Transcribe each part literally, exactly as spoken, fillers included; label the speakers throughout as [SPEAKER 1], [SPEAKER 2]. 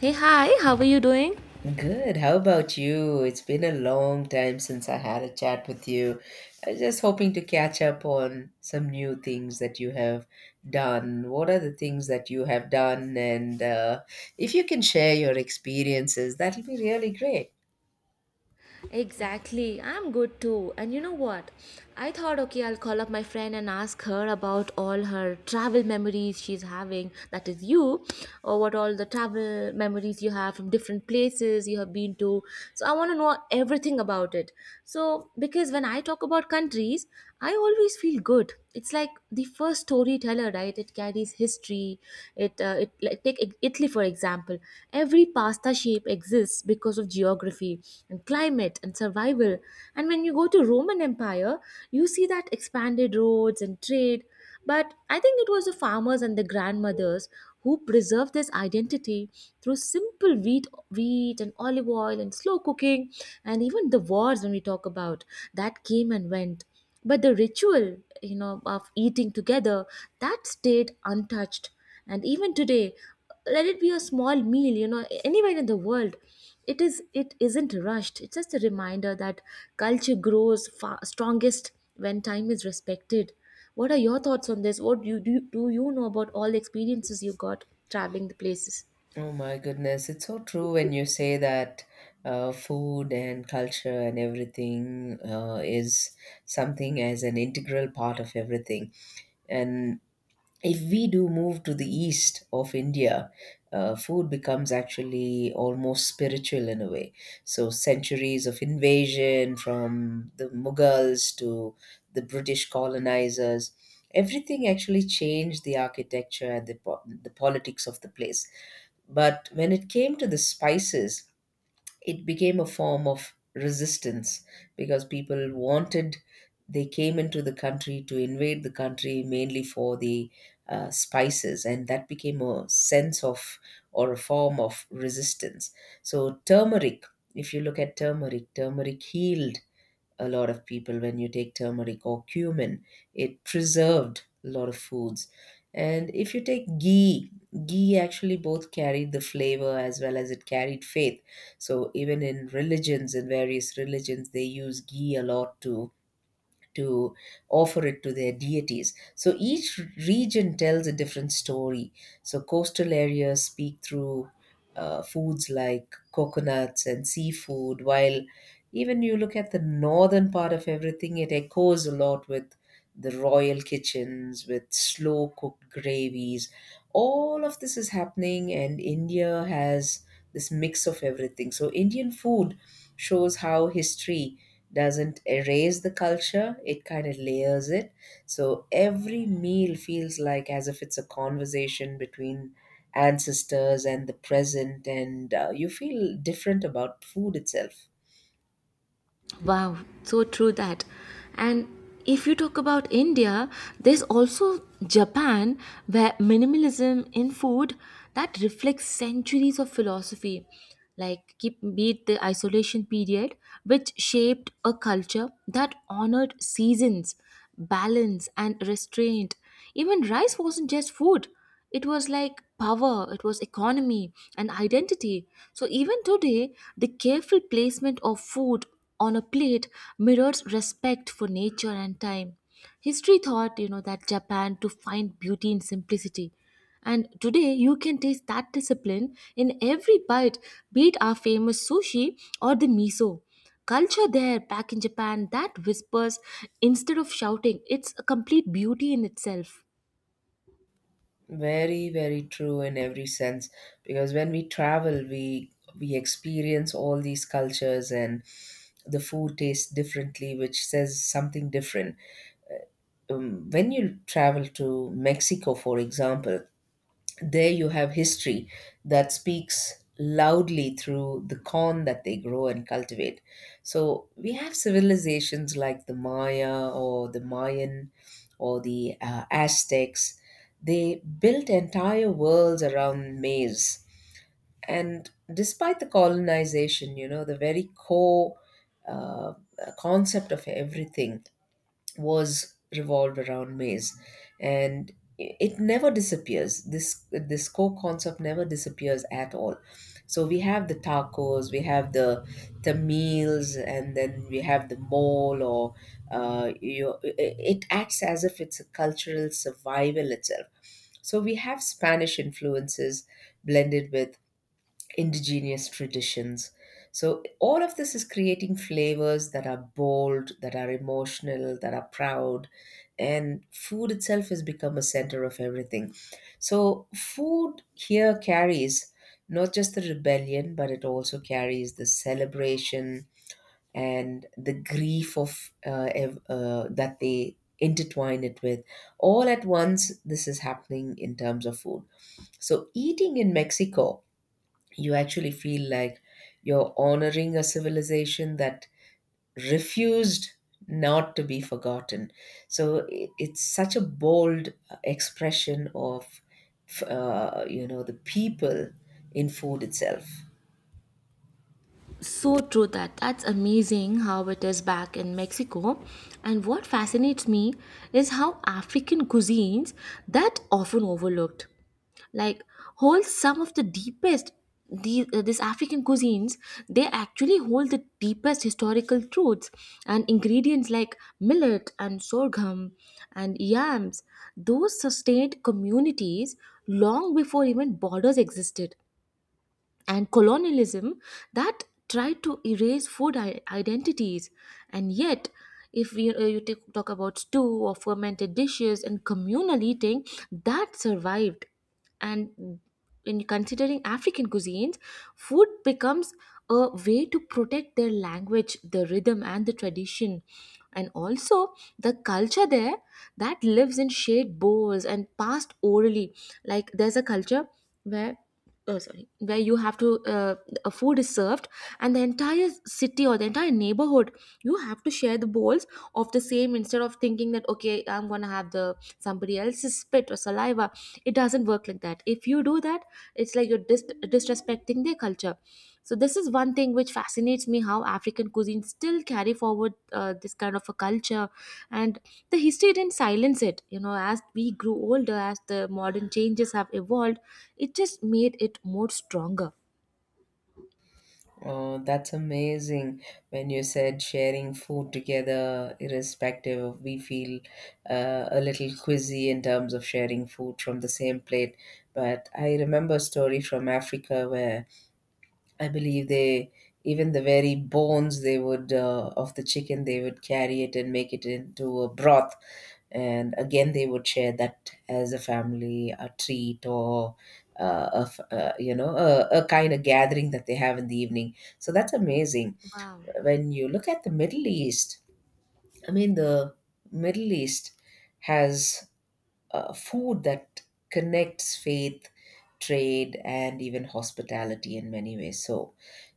[SPEAKER 1] Hey, hi, how are you doing?
[SPEAKER 2] Good. How about you? It's been a long time since I had a chat with you. I was just hoping to catch up on some new things that you have done. What are the things that you have done? And uh, if you can share your experiences, that'll be really great.
[SPEAKER 1] Exactly, I'm good too. And you know what? I thought, okay, I'll call up my friend and ask her about all her travel memories she's having. That is you, or what all the travel memories you have from different places you have been to. So I want to know everything about it. So, because when I talk about countries, I always feel good. It's like the first storyteller, right? It carries history. It, uh, it like, take Italy for example. Every pasta shape exists because of geography and climate and survival. And when you go to Roman Empire, you see that expanded roads and trade. But I think it was the farmers and the grandmothers who preserved this identity through simple wheat, wheat and olive oil and slow cooking, and even the wars when we talk about that came and went. But the ritual, you know, of eating together, that stayed untouched. And even today, let it be a small meal you know anywhere in the world, it is it isn't rushed. It's just a reminder that culture grows fa- strongest when time is respected. What are your thoughts on this? What do you do, you- do you know about all the experiences you got traveling the places?
[SPEAKER 2] Oh my goodness, it's so true when you say that uh, food and culture and everything uh, is something as an integral part of everything. And if we do move to the east of India, uh, food becomes actually almost spiritual in a way. So, centuries of invasion from the Mughals to the British colonizers, everything actually changed the architecture and the, po- the politics of the place. But when it came to the spices, it became a form of resistance because people wanted, they came into the country to invade the country mainly for the uh, spices, and that became a sense of or a form of resistance. So turmeric, if you look at turmeric, turmeric healed a lot of people. When you take turmeric or cumin, it preserved a lot of foods. And if you take ghee, ghee actually both carried the flavor as well as it carried faith. So even in religions, in various religions, they use ghee a lot to to offer it to their deities. So each region tells a different story. So coastal areas speak through uh, foods like coconuts and seafood, while even you look at the northern part of everything, it echoes a lot with the royal kitchens, with slow cooked gravies. All of this is happening, and India has this mix of everything. So, Indian food shows how history doesn't erase the culture, it kind of layers it. So every meal feels like as if it's a conversation between ancestors and the present, and uh, you feel different about food itself.
[SPEAKER 1] Wow, so true that. And if you talk about India, there's also Japan, where minimalism in food that reflects centuries of philosophy, like keep be it the isolation period, which shaped a culture that honored seasons, balance and restraint. Even rice wasn't just food, it was like power, it was economy and identity. So even today, the careful placement of food on a plate mirrors respect for nature and time. History thought, you know, that Japan to find beauty in simplicity, and today you can taste that discipline in every bite, be it our famous sushi or the miso culture there back in Japan, that whispers instead of shouting. It's a complete beauty in itself.
[SPEAKER 2] Very very true in every sense, because when we travel, we we experience all these cultures, and the food tastes differently, which says something different. Um, when you travel to Mexico, for example, there you have history that speaks loudly through the corn that they grow and cultivate. So we have civilizations like the Maya or the Mayan or the uh, Aztecs. They built entire worlds around maize. And despite the colonization, you know, the very core uh, concept of everything was revolved around maize, and it never disappears. This this core concept never disappears at all. So we have the tacos, we have the the meals, and then we have the mole or uh, you, it acts as if it's a cultural survival itself. So we have Spanish influences blended with indigenous traditions. So all of this is creating flavors that are bold, that are emotional, that are proud, and food itself has become a center of everything. So food here carries not just the rebellion, but it also carries the celebration and the grief of uh, ev- uh, that they intertwine it with. All at once, this is happening in terms of food. So eating in Mexico, you actually feel like you're honoring a civilization that refused not to be forgotten. So i- it's such a bold uh, expression of, uh, you know, the people in food itself.
[SPEAKER 1] So true that, that's amazing how it is back in Mexico. And what fascinates me is how African cuisines that often overlooked, like, hold some of the deepest, these, uh, these African cuisines, they actually hold the deepest historical truths. And ingredients like millet and sorghum and yams, those sustained communities long before even borders existed. And colonialism that tried to erase food i- identities, and yet, if we, uh, you take, talk about stew or fermented dishes and communal eating, that survived. And in considering African cuisines, food becomes a way to protect their language, the rhythm and the tradition, and also the culture there that lives in shared bowls and passed orally. Like, there's a culture where, oh, sorry, where you have to, uh, a food is served, and the entire city or the entire neighborhood, you have to share the bowls of the same, instead of thinking that, okay, I'm gonna have the somebody else's spit or saliva. It doesn't work like that. If you do that, it's like you're dis- disrespecting their culture. So this is one thing which fascinates me, how African cuisine still carry forward, uh, this kind of a culture. And the history didn't silence it, you know, as we grew older, as the modern changes have evolved, it just made it more stronger.
[SPEAKER 2] Oh, that's amazing, when you said sharing food together, irrespective of we feel uh, a little quizzy in terms of sharing food from the same plate. But I remember a story from Africa where I believe they, even the very bones they would uh, of the chicken, they would carry it and make it into a broth, and again they would share that as a family, a treat or uh, a f- uh, you know, a, a kind of gathering that they have in the evening. So that's amazing.
[SPEAKER 1] Wow.
[SPEAKER 2] When you look at the Middle East, I mean the Middle East has uh, food that connects faith, trade, and even hospitality in many ways. So,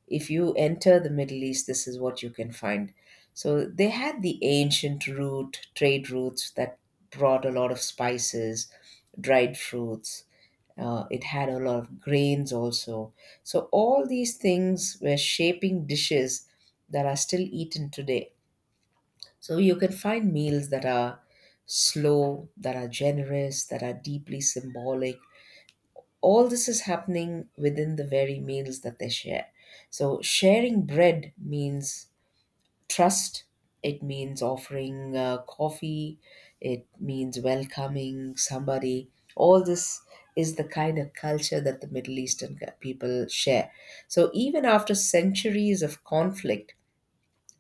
[SPEAKER 2] if you enter the Middle East, this is what you can find. So, they had the ancient route, trade routes that brought a lot of spices, dried fruits. Uh, it had a lot of grains also. So, all these things were shaping dishes that are still eaten today. So you can find meals that are slow, that are generous, that are deeply symbolic. All this is happening within the very meals that they share. So sharing bread means trust, it means offering uh, coffee, it means welcoming somebody. All this is the kind of culture that the Middle Eastern people share. So even after centuries of conflict,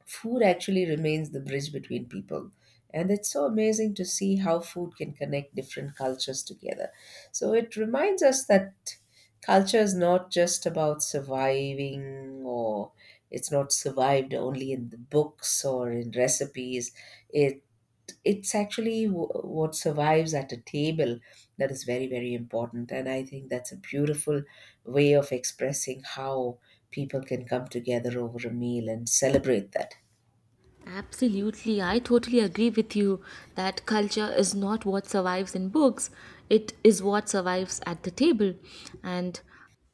[SPEAKER 2] food actually remains the bridge between people. And it's so amazing to see how food can connect different cultures together. So it reminds us that culture is not just about surviving, or it's not survived only in the books or in recipes, it it's actually w- what survives at a table. That is very very important, and I think that's a beautiful way of expressing how people can come together over a meal and celebrate that.
[SPEAKER 1] Absolutely, I totally agree with you that culture is not what survives in books, it is what survives at the table. And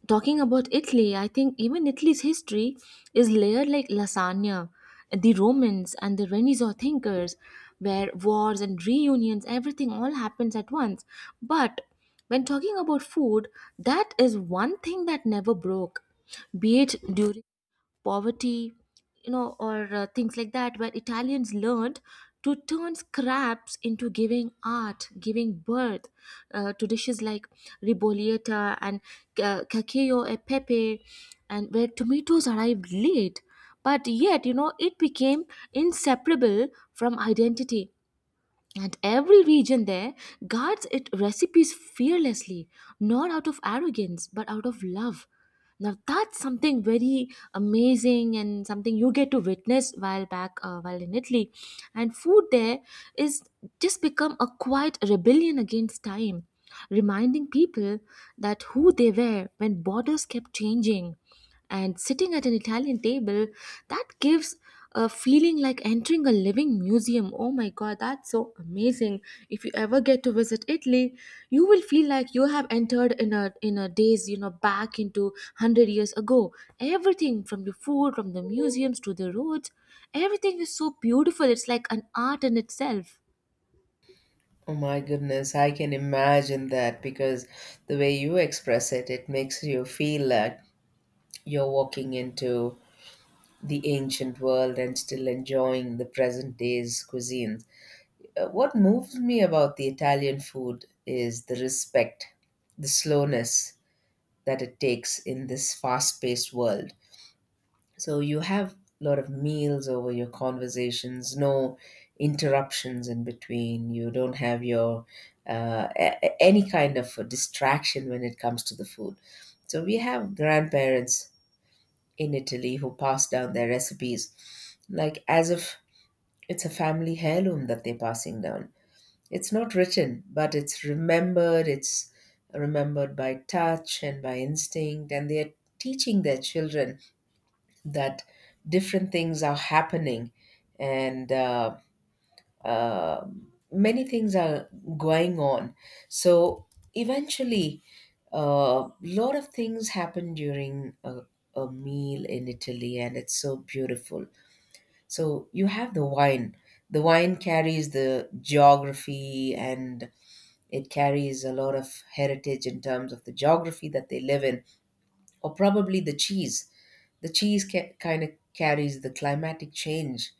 [SPEAKER 1] talking about Italy, I think even Italy's history is layered like lasagna. The Romans and the Renaissance thinkers, where wars and reunions, everything all happens at once. But when talking about food, that is one thing that never broke, be it during poverty, you know, or uh, things like that, where Italians learned to turn scraps into giving art, giving birth uh, to dishes like ribollita and uh, cacio e pepe, and where tomatoes arrived late. But yet, you know, it became inseparable from identity. And every region there guards its recipes fearlessly, not out of arrogance, but out of love. Now that's something very amazing, and something you get to witness while back uh, while in Italy. And food there is just become a quiet rebellion against time, reminding people that who they were when borders kept changing. And sitting at an Italian table, that gives a feeling like entering a living museum. Oh my god, that's so amazing. If you ever get to visit Italy, you will feel like you have entered in a in a days, you know, back into one hundred years ago. Everything from the food, from the museums to the roads, everything is so beautiful. It's like an art in itself.
[SPEAKER 2] Oh my goodness, I can imagine that, because the way you express it, it makes you feel like you're walking into the ancient world and still enjoying the present day's cuisines. Uh, What moves me about the Italian food is the respect, the slowness that it takes in this fast paced world. So you have a lot of meals over your conversations, no interruptions in between. You don't have your uh, a- a- any kind of a distraction when it comes to the food. So we have grandparents in Italy who pass down their recipes like as if it's a family heirloom that they're passing down. It's not written, but it's remembered. It's remembered by touch and by instinct, and they're teaching their children that different things are happening and uh, uh, many things are going on. So eventually, a uh, lot of things happen during a, a meal in Italy, and it's so beautiful. So you have the wine. The wine carries the geography, and it carries a lot of heritage in terms of the geography that they live in, or probably the cheese. The cheese ca- kind of carries the climatic change.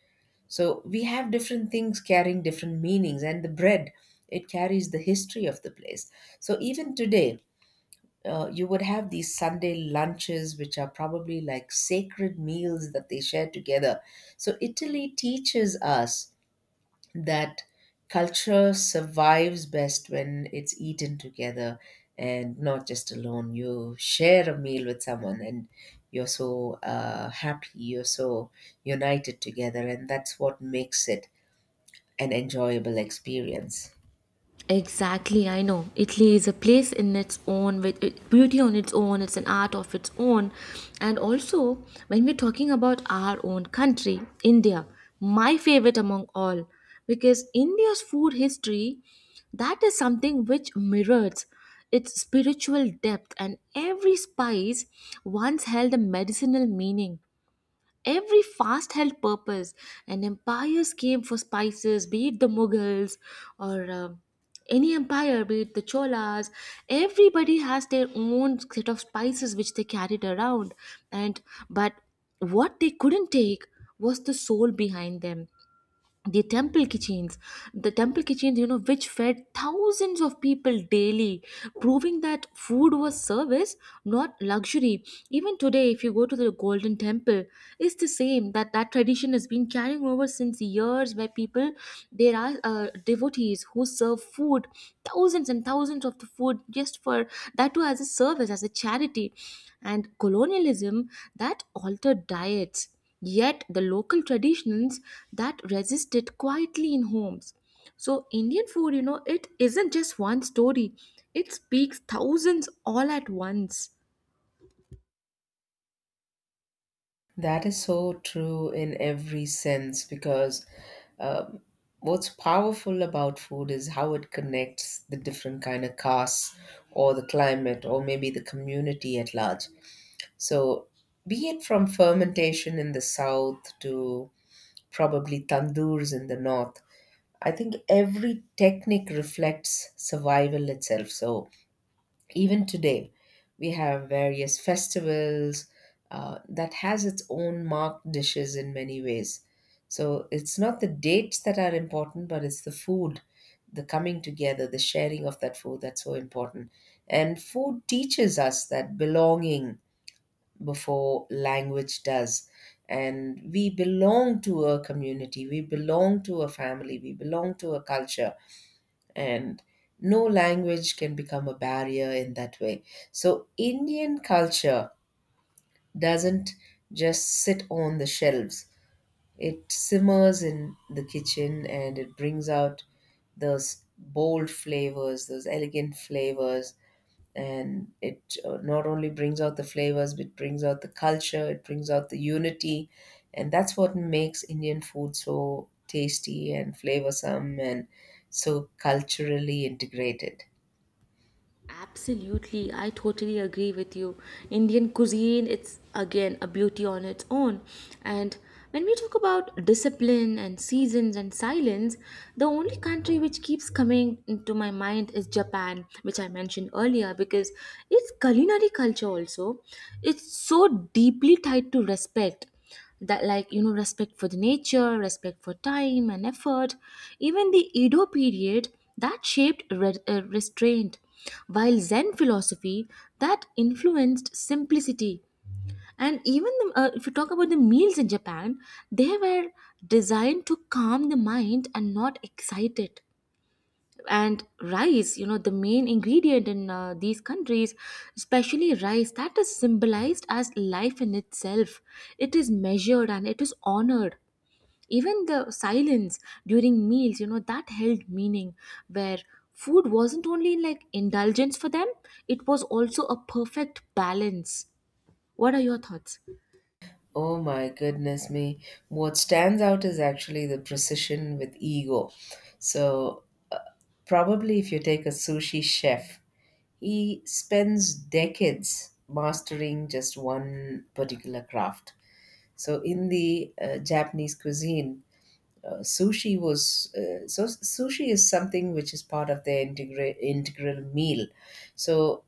[SPEAKER 2] So we have different things carrying different meanings, and the bread, it carries the history of the place. So even today, uh, you would have these Sunday lunches, which are probably like sacred meals that they share together. So Italy teaches us that culture survives best when it's eaten together and not just alone. You share a meal with someone and you're so uh, happy, you're so united together, and that's what makes it an enjoyable experience.
[SPEAKER 1] Exactly, I know. Italy is a place in its own, with it- beauty on its own, it's an art of its own. And also, when we're talking about our own country, India, my favorite among all, because India's food history, that is something which mirrors its spiritual depth, and every spice once held a medicinal meaning. Every fast held purpose, and empires came for spices, be it the Mughals or um any empire, be it the Cholas. Everybody has their own set of spices which they carried around, and but what they couldn't take was the soul behind them, the temple kitchens, the temple kitchens you know which fed thousands of people daily, proving that food was service, not luxury. Even today, if you go to the Golden Temple, it's the same, that that tradition has been carrying over since years, where people, there are uh, devotees who serve food, thousands and thousands of the food, just for that too, as a service, as a charity. And colonialism that altered diets, yet the local traditions that resisted quietly in homes. So Indian food, you know, it isn't just one story. It speaks thousands all at once.
[SPEAKER 2] That is so true in every sense, because uh, what's powerful about food is how it connects the different kind of castes or the climate or maybe the community at large. So, be it from fermentation in the south to probably tandoors in the north, I think every technique reflects survival itself. So, even today, we have various festivals uh, that has its own marked dishes in many ways. So, it's not the dates that are important, but it's the food, the coming together, the sharing of that food that's so important. And food teaches us that belonging, before language does. And we belong to a community, we belong to a family, we belong to a culture. And no language can become a barrier in that way. So, Indian culture doesn't just sit on the shelves, it simmers in the kitchen, and it brings out those bold flavors, those elegant flavors. And it uh, not only brings out the flavors, but brings out the culture, it brings out the unity. And that's what makes Indian food so tasty and flavorsome and so culturally integrated.
[SPEAKER 1] Absolutely, I totally agree with you. Indian cuisine, it's again a beauty on its own. And when we talk about discipline and seasons and silence, the only country which keeps coming into my mind is Japan, which I mentioned earlier, because its culinary culture also, it's so deeply tied to respect. That, like, you know respect for the nature, respect for time and effort. Even the Edo period that shaped re- uh, restraint, while Zen philosophy that influenced simplicity. And even the, uh, if you talk about the meals in Japan, they were designed to calm the mind and not excite it. And rice you know the main ingredient in, uh, these countries, especially rice, that is symbolized as life in itself. It is measured and it is honored. Even the silence during meals you know that held meaning, where food wasn't only like indulgence for them, it was also a perfect balance. What are your thoughts?
[SPEAKER 2] Oh my goodness me. What stands out is actually the precision with ego. So Probably if you take a sushi chef, he spends decades mastering just one particular craft. So in the uh, Japanese cuisine, uh, sushi was uh, so sushi is something which is part of their integra- integral meal. So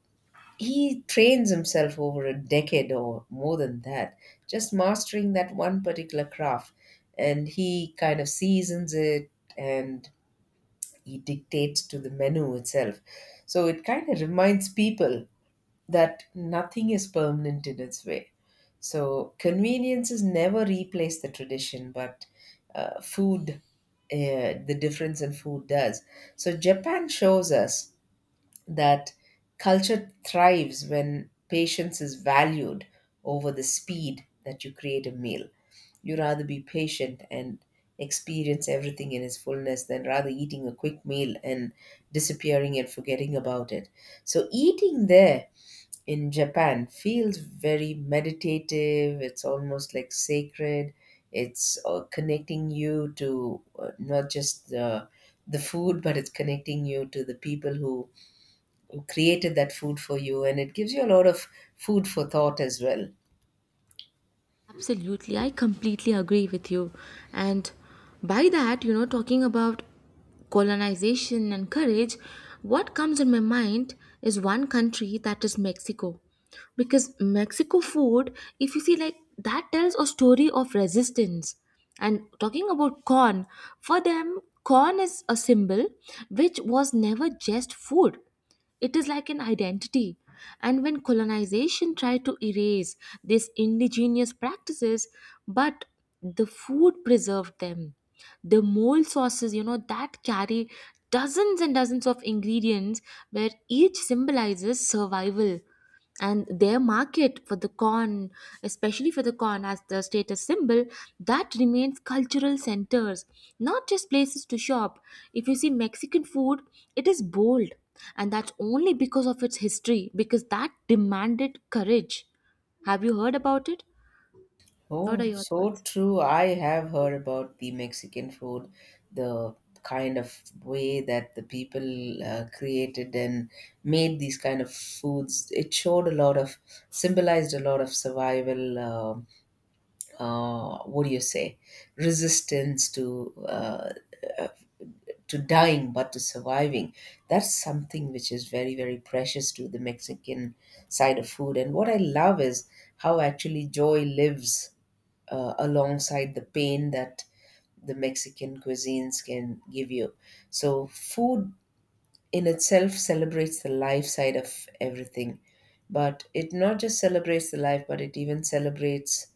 [SPEAKER 2] he trains himself over a decade or more than that, just mastering that one particular craft, and he kind of seasons it and he dictates to the menu itself. So it kind of reminds people that nothing is permanent in its way. So conveniences never replace the tradition, but uh, food, uh, the difference in food does. So Japan shows us that culture thrives when patience is valued over the speed that you create a meal. You rather be patient and experience everything in its fullness than rather eating a quick meal and disappearing and forgetting about it. So, eating there in Japan feels very meditative. It's almost like sacred. It's uh, connecting you to uh, not just the the food, but it's connecting you to the people who created that food for you, and it gives you a lot of food for thought as well.
[SPEAKER 1] Absolutely, I completely agree with you. And by that, you know, talking about colonization and courage, what comes in my mind is one country, that is Mexico. Because Mexico food, if you see, like, that tells a story of resistance. And talking about corn, for them, corn is a symbol which was never just food. It is like an identity. And when colonization tried to erase these indigenous practices, but the food preserved them. The mole sauces, you know, that carry dozens and dozens of ingredients, where each symbolizes survival. And their market for the corn, especially for the corn as the status symbol, that remains cultural centers, not just places to shop. If you see Mexican food, it is bold, and that's only because of its history, because that demanded courage. Have you heard about it? What are
[SPEAKER 2] Oh,
[SPEAKER 1] your
[SPEAKER 2] so
[SPEAKER 1] thoughts?
[SPEAKER 2] true. I have heard about the Mexican food, the kind of way that the people uh, created and made these kind of foods. It showed a lot of, symbolized a lot of survival, uh, uh, what do you say, resistance to uh, uh, to dying but to surviving. That's something which is very, very precious to the Mexican side of food. And what I love is how actually joy lives uh, alongside the pain that the Mexican cuisines can give you. So food in itself celebrates the life side of everything, but it not just celebrates the life but it even celebrates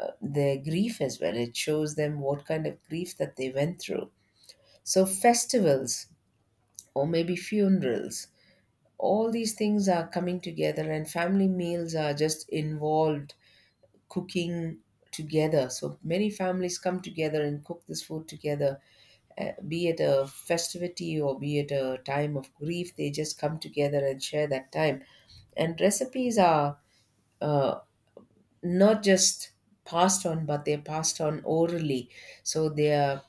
[SPEAKER 2] uh, their grief as well. It shows them what kind of grief that they went through. So, festivals or maybe funerals, all these things are coming together, and family meals are just involved cooking together. So, many families come together and cook this food together, uh, be it a festivity or be it a time of grief, they just come together and share that time. And recipes are, uh, not just passed on, but they're passed on orally. So they are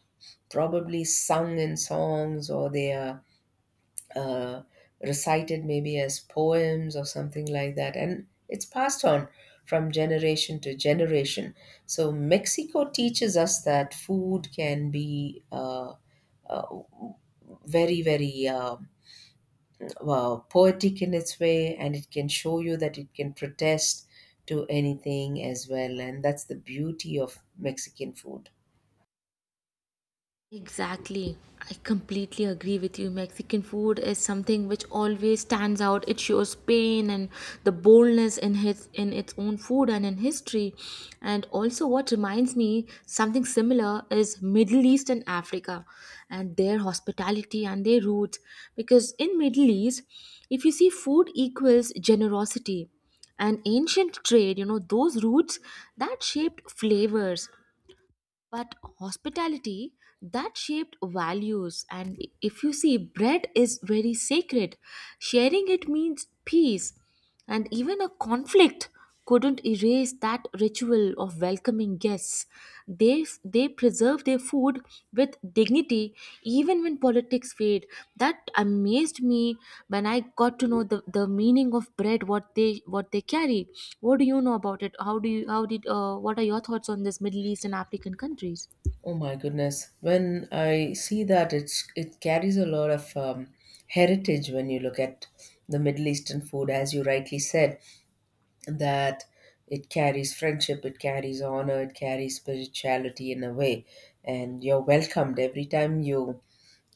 [SPEAKER 2] probably sung in songs, or they are uh, recited maybe as poems or something like that. And it's passed on from generation to generation. So Mexico teaches us that food can be uh, uh, very, very. Uh, uh, poetic in its way, and it can show you that it can protest to anything as well. And that's the beauty of Mexican food.
[SPEAKER 1] Exactly. I completely agree with you. Mexican food is something which always stands out. It shows pain and the boldness in his in its own food and in history. And also, what reminds me something similar is Middle East and Africa, and their hospitality and their roots. Because in Middle East, if you see, food equals generosity, and ancient trade, you know, those roots that shaped flavors. But hospitality that shaped values. And if you see, bread is very sacred, sharing it means peace. And even a conflict couldn't erase that ritual of welcoming guests. They they preserve their food with dignity, even when politics fade. That amazed me when I got to know the, the meaning of bread, what they what they carry. What do you know about it? How do you how did uh, What are your thoughts on this Middle East and African countries?
[SPEAKER 2] Oh my goodness, when I see that, it's it carries a lot of um, heritage. When you look at the Middle Eastern food, as you rightly said, that it carries friendship, it carries honor, it carries spirituality in a way, and you're welcomed every time you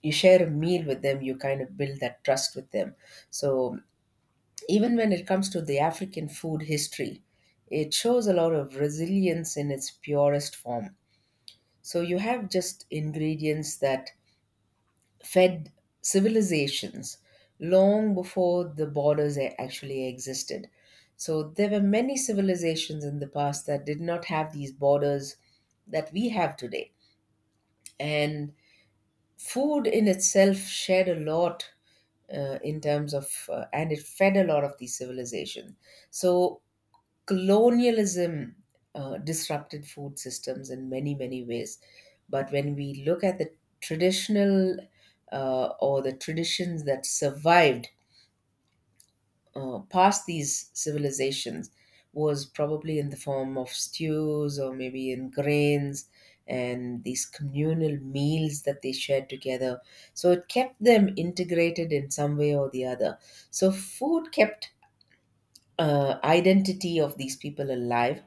[SPEAKER 2] you share a meal with them, you kind of build that trust with them. So even when it comes to the African food history, it shows a lot of resilience in its purest form. So you have just ingredients that fed civilizations long before the borders a- actually existed. So there were many civilizations in the past that did not have these borders that we have today. And food in itself shared a lot uh, in terms of, uh, and it fed a lot of these civilizations. So colonialism uh, disrupted food systems in many, many ways. But when we look at the traditional, uh, or the traditions that survived uh, past these civilizations, was probably in the form of stews or maybe in grains and these communal meals that they shared together. So it kept them integrated in some way or the other. So food kept uh, identity of these people alive.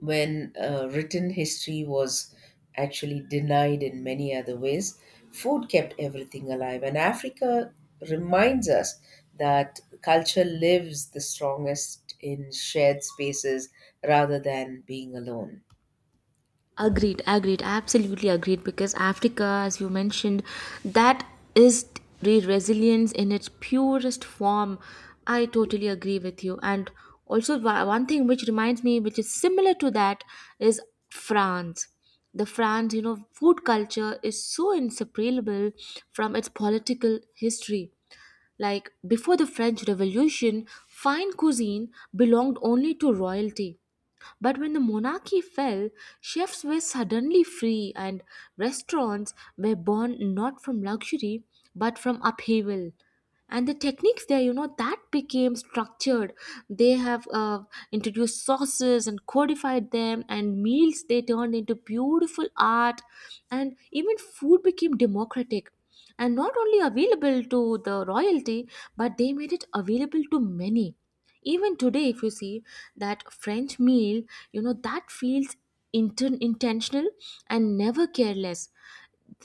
[SPEAKER 2] When uh, written history was actually denied in many other ways, food kept everything alive. And Africa reminds us that culture lives the strongest in shared spaces rather than being alone.
[SPEAKER 1] Agreed, agreed, absolutely agreed. Because Africa, as you mentioned, that is re- resilience in its purest form. I totally agree with you. And also, wa- one thing which reminds me, which is similar to that, is France. The France, you know, food culture is so inseparable from its political history. Like before the French Revolution, fine cuisine belonged only to royalty, but when the monarchy fell, chefs were suddenly free, and restaurants were born not from luxury, but from upheaval. And the techniques there, you know, that became structured. They have uh, introduced sauces and codified them, and meals they turned into beautiful art, and even food became democratic. And not only available to the royalty, but they made it available to many. Even today, if you see, that French meal you know that feels inten- intentional and never careless.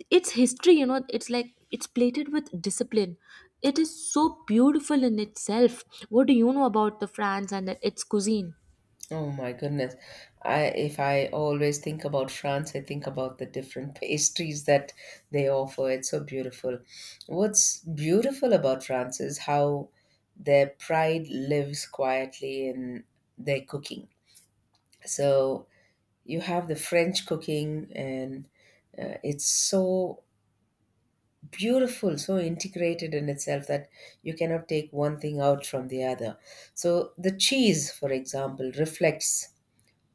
[SPEAKER 1] Its history you know it's like it's plated with discipline. It is so beautiful in itself. What do you know about the France and its cuisine?
[SPEAKER 2] Oh my goodness. I If I always think about France, I think about the different pastries that they offer. It's so beautiful. What's beautiful about France is how their pride lives quietly in their cooking. So you have the French cooking, and uh, it's so beautiful, so integrated in itself, that you cannot take one thing out from the other. So the cheese, for example, reflects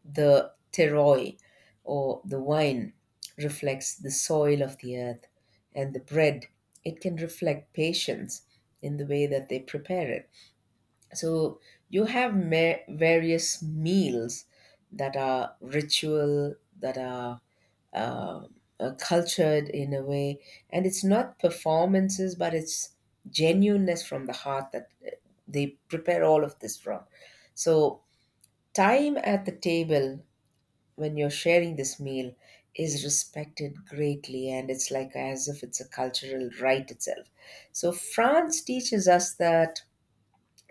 [SPEAKER 2] the terroir, or the wine reflects the soil of the earth, and the bread, it can reflect patience in the way that they prepare it. So you have ma- various meals that are ritual, that are uh, cultured in a way, and it's not performances, but it's genuineness from the heart that uh, they prepare all of this from. So time at the table when you're sharing this meal is respected greatly, and it's like as if it's a cultural right itself. So France teaches us that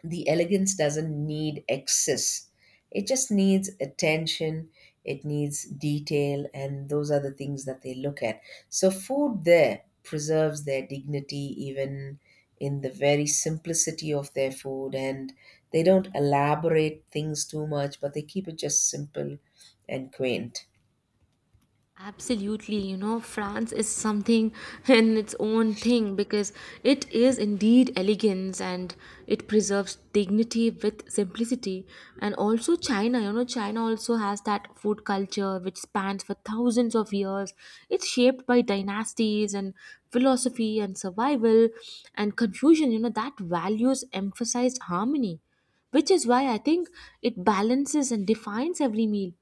[SPEAKER 2] the elegance doesn't need excess, it just needs attention, it needs detail, and those are the things that they look at. So food there preserves their dignity even in the very simplicity of their food, and they don't elaborate things too much but they keep it just simple and quaint.
[SPEAKER 1] Absolutely, you know, France is something in its own thing, because it is indeed elegance, and it preserves dignity with simplicity. And also, China, you know, China also has that food culture which spans for thousands of years. It's shaped by dynasties and philosophy and survival and confusion, you know, that values emphasized harmony, which is why I think it balances and defines every meal.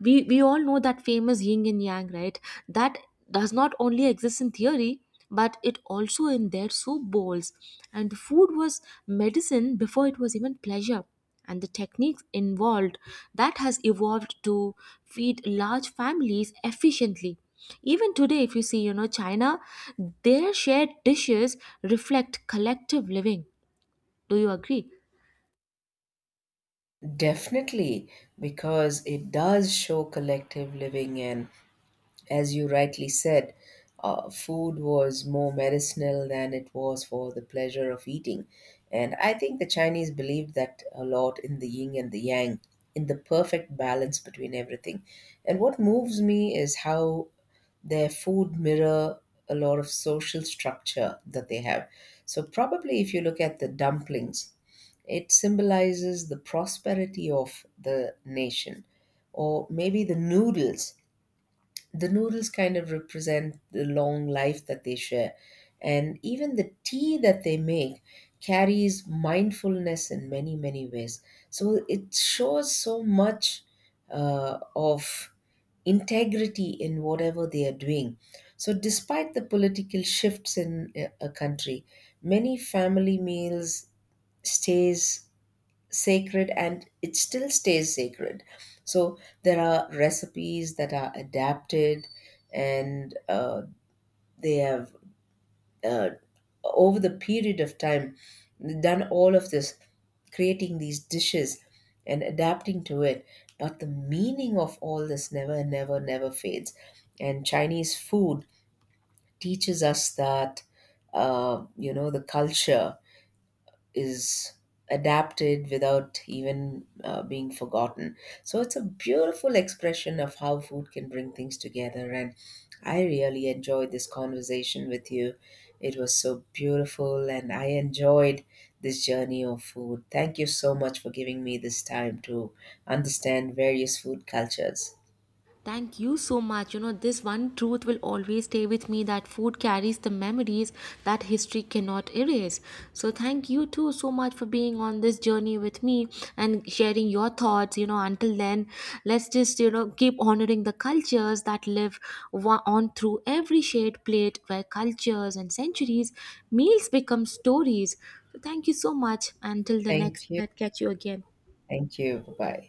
[SPEAKER 1] We we all know that famous yin and yang, right? That does not only exist in theory, but it also in their soup bowls. And food was medicine before it was even pleasure. And the techniques involved, that has evolved to feed large families efficiently. Even today, if you see, you know, China, their shared dishes reflect collective living. Do you agree?
[SPEAKER 2] Definitely, because it does show collective living. And as you rightly said, uh, food was more medicinal than it was for the pleasure of eating. And I think the Chinese believed that a lot in the yin and the yang, in the perfect balance between everything. And what moves me is how their food mirror a lot of social structure that they have. So probably if you look at the dumplings, it symbolizes the prosperity of the nation, or maybe the noodles, the noodles kind of represent the long life that they share. And even the tea that they make carries mindfulness in many, many ways. So it shows so much uh, of integrity in whatever they are doing. So, despite the political shifts in a a country, many family meals stays sacred, and it still stays sacred. So there are recipes that are adapted, and uh, they have, uh, over the period of time, done all of this, creating these dishes and adapting to it. But the meaning of all this never, never, never fades. And Chinese food teaches us that, uh, you know, the culture is adapted without even uh, being forgotten. So it's a beautiful expression of how food can bring things together. And I really enjoyed this conversation with you. It was so beautiful, and I enjoyed this journey of food. Thank you so much for giving me this time to understand various food cultures.
[SPEAKER 1] Thank you so much. You know, this one truth will always stay with me, that food carries the memories that history cannot erase. So, thank you too so much for being on this journey with me and sharing your thoughts. You know, until then, let's just, you know, keep honoring the cultures that live wa- on through every shared plate, where cultures and centuries, meals become stories. So, thank you so much. Until the next,
[SPEAKER 2] Thank you.
[SPEAKER 1] let's catch you again.
[SPEAKER 2] Thank you. Bye bye.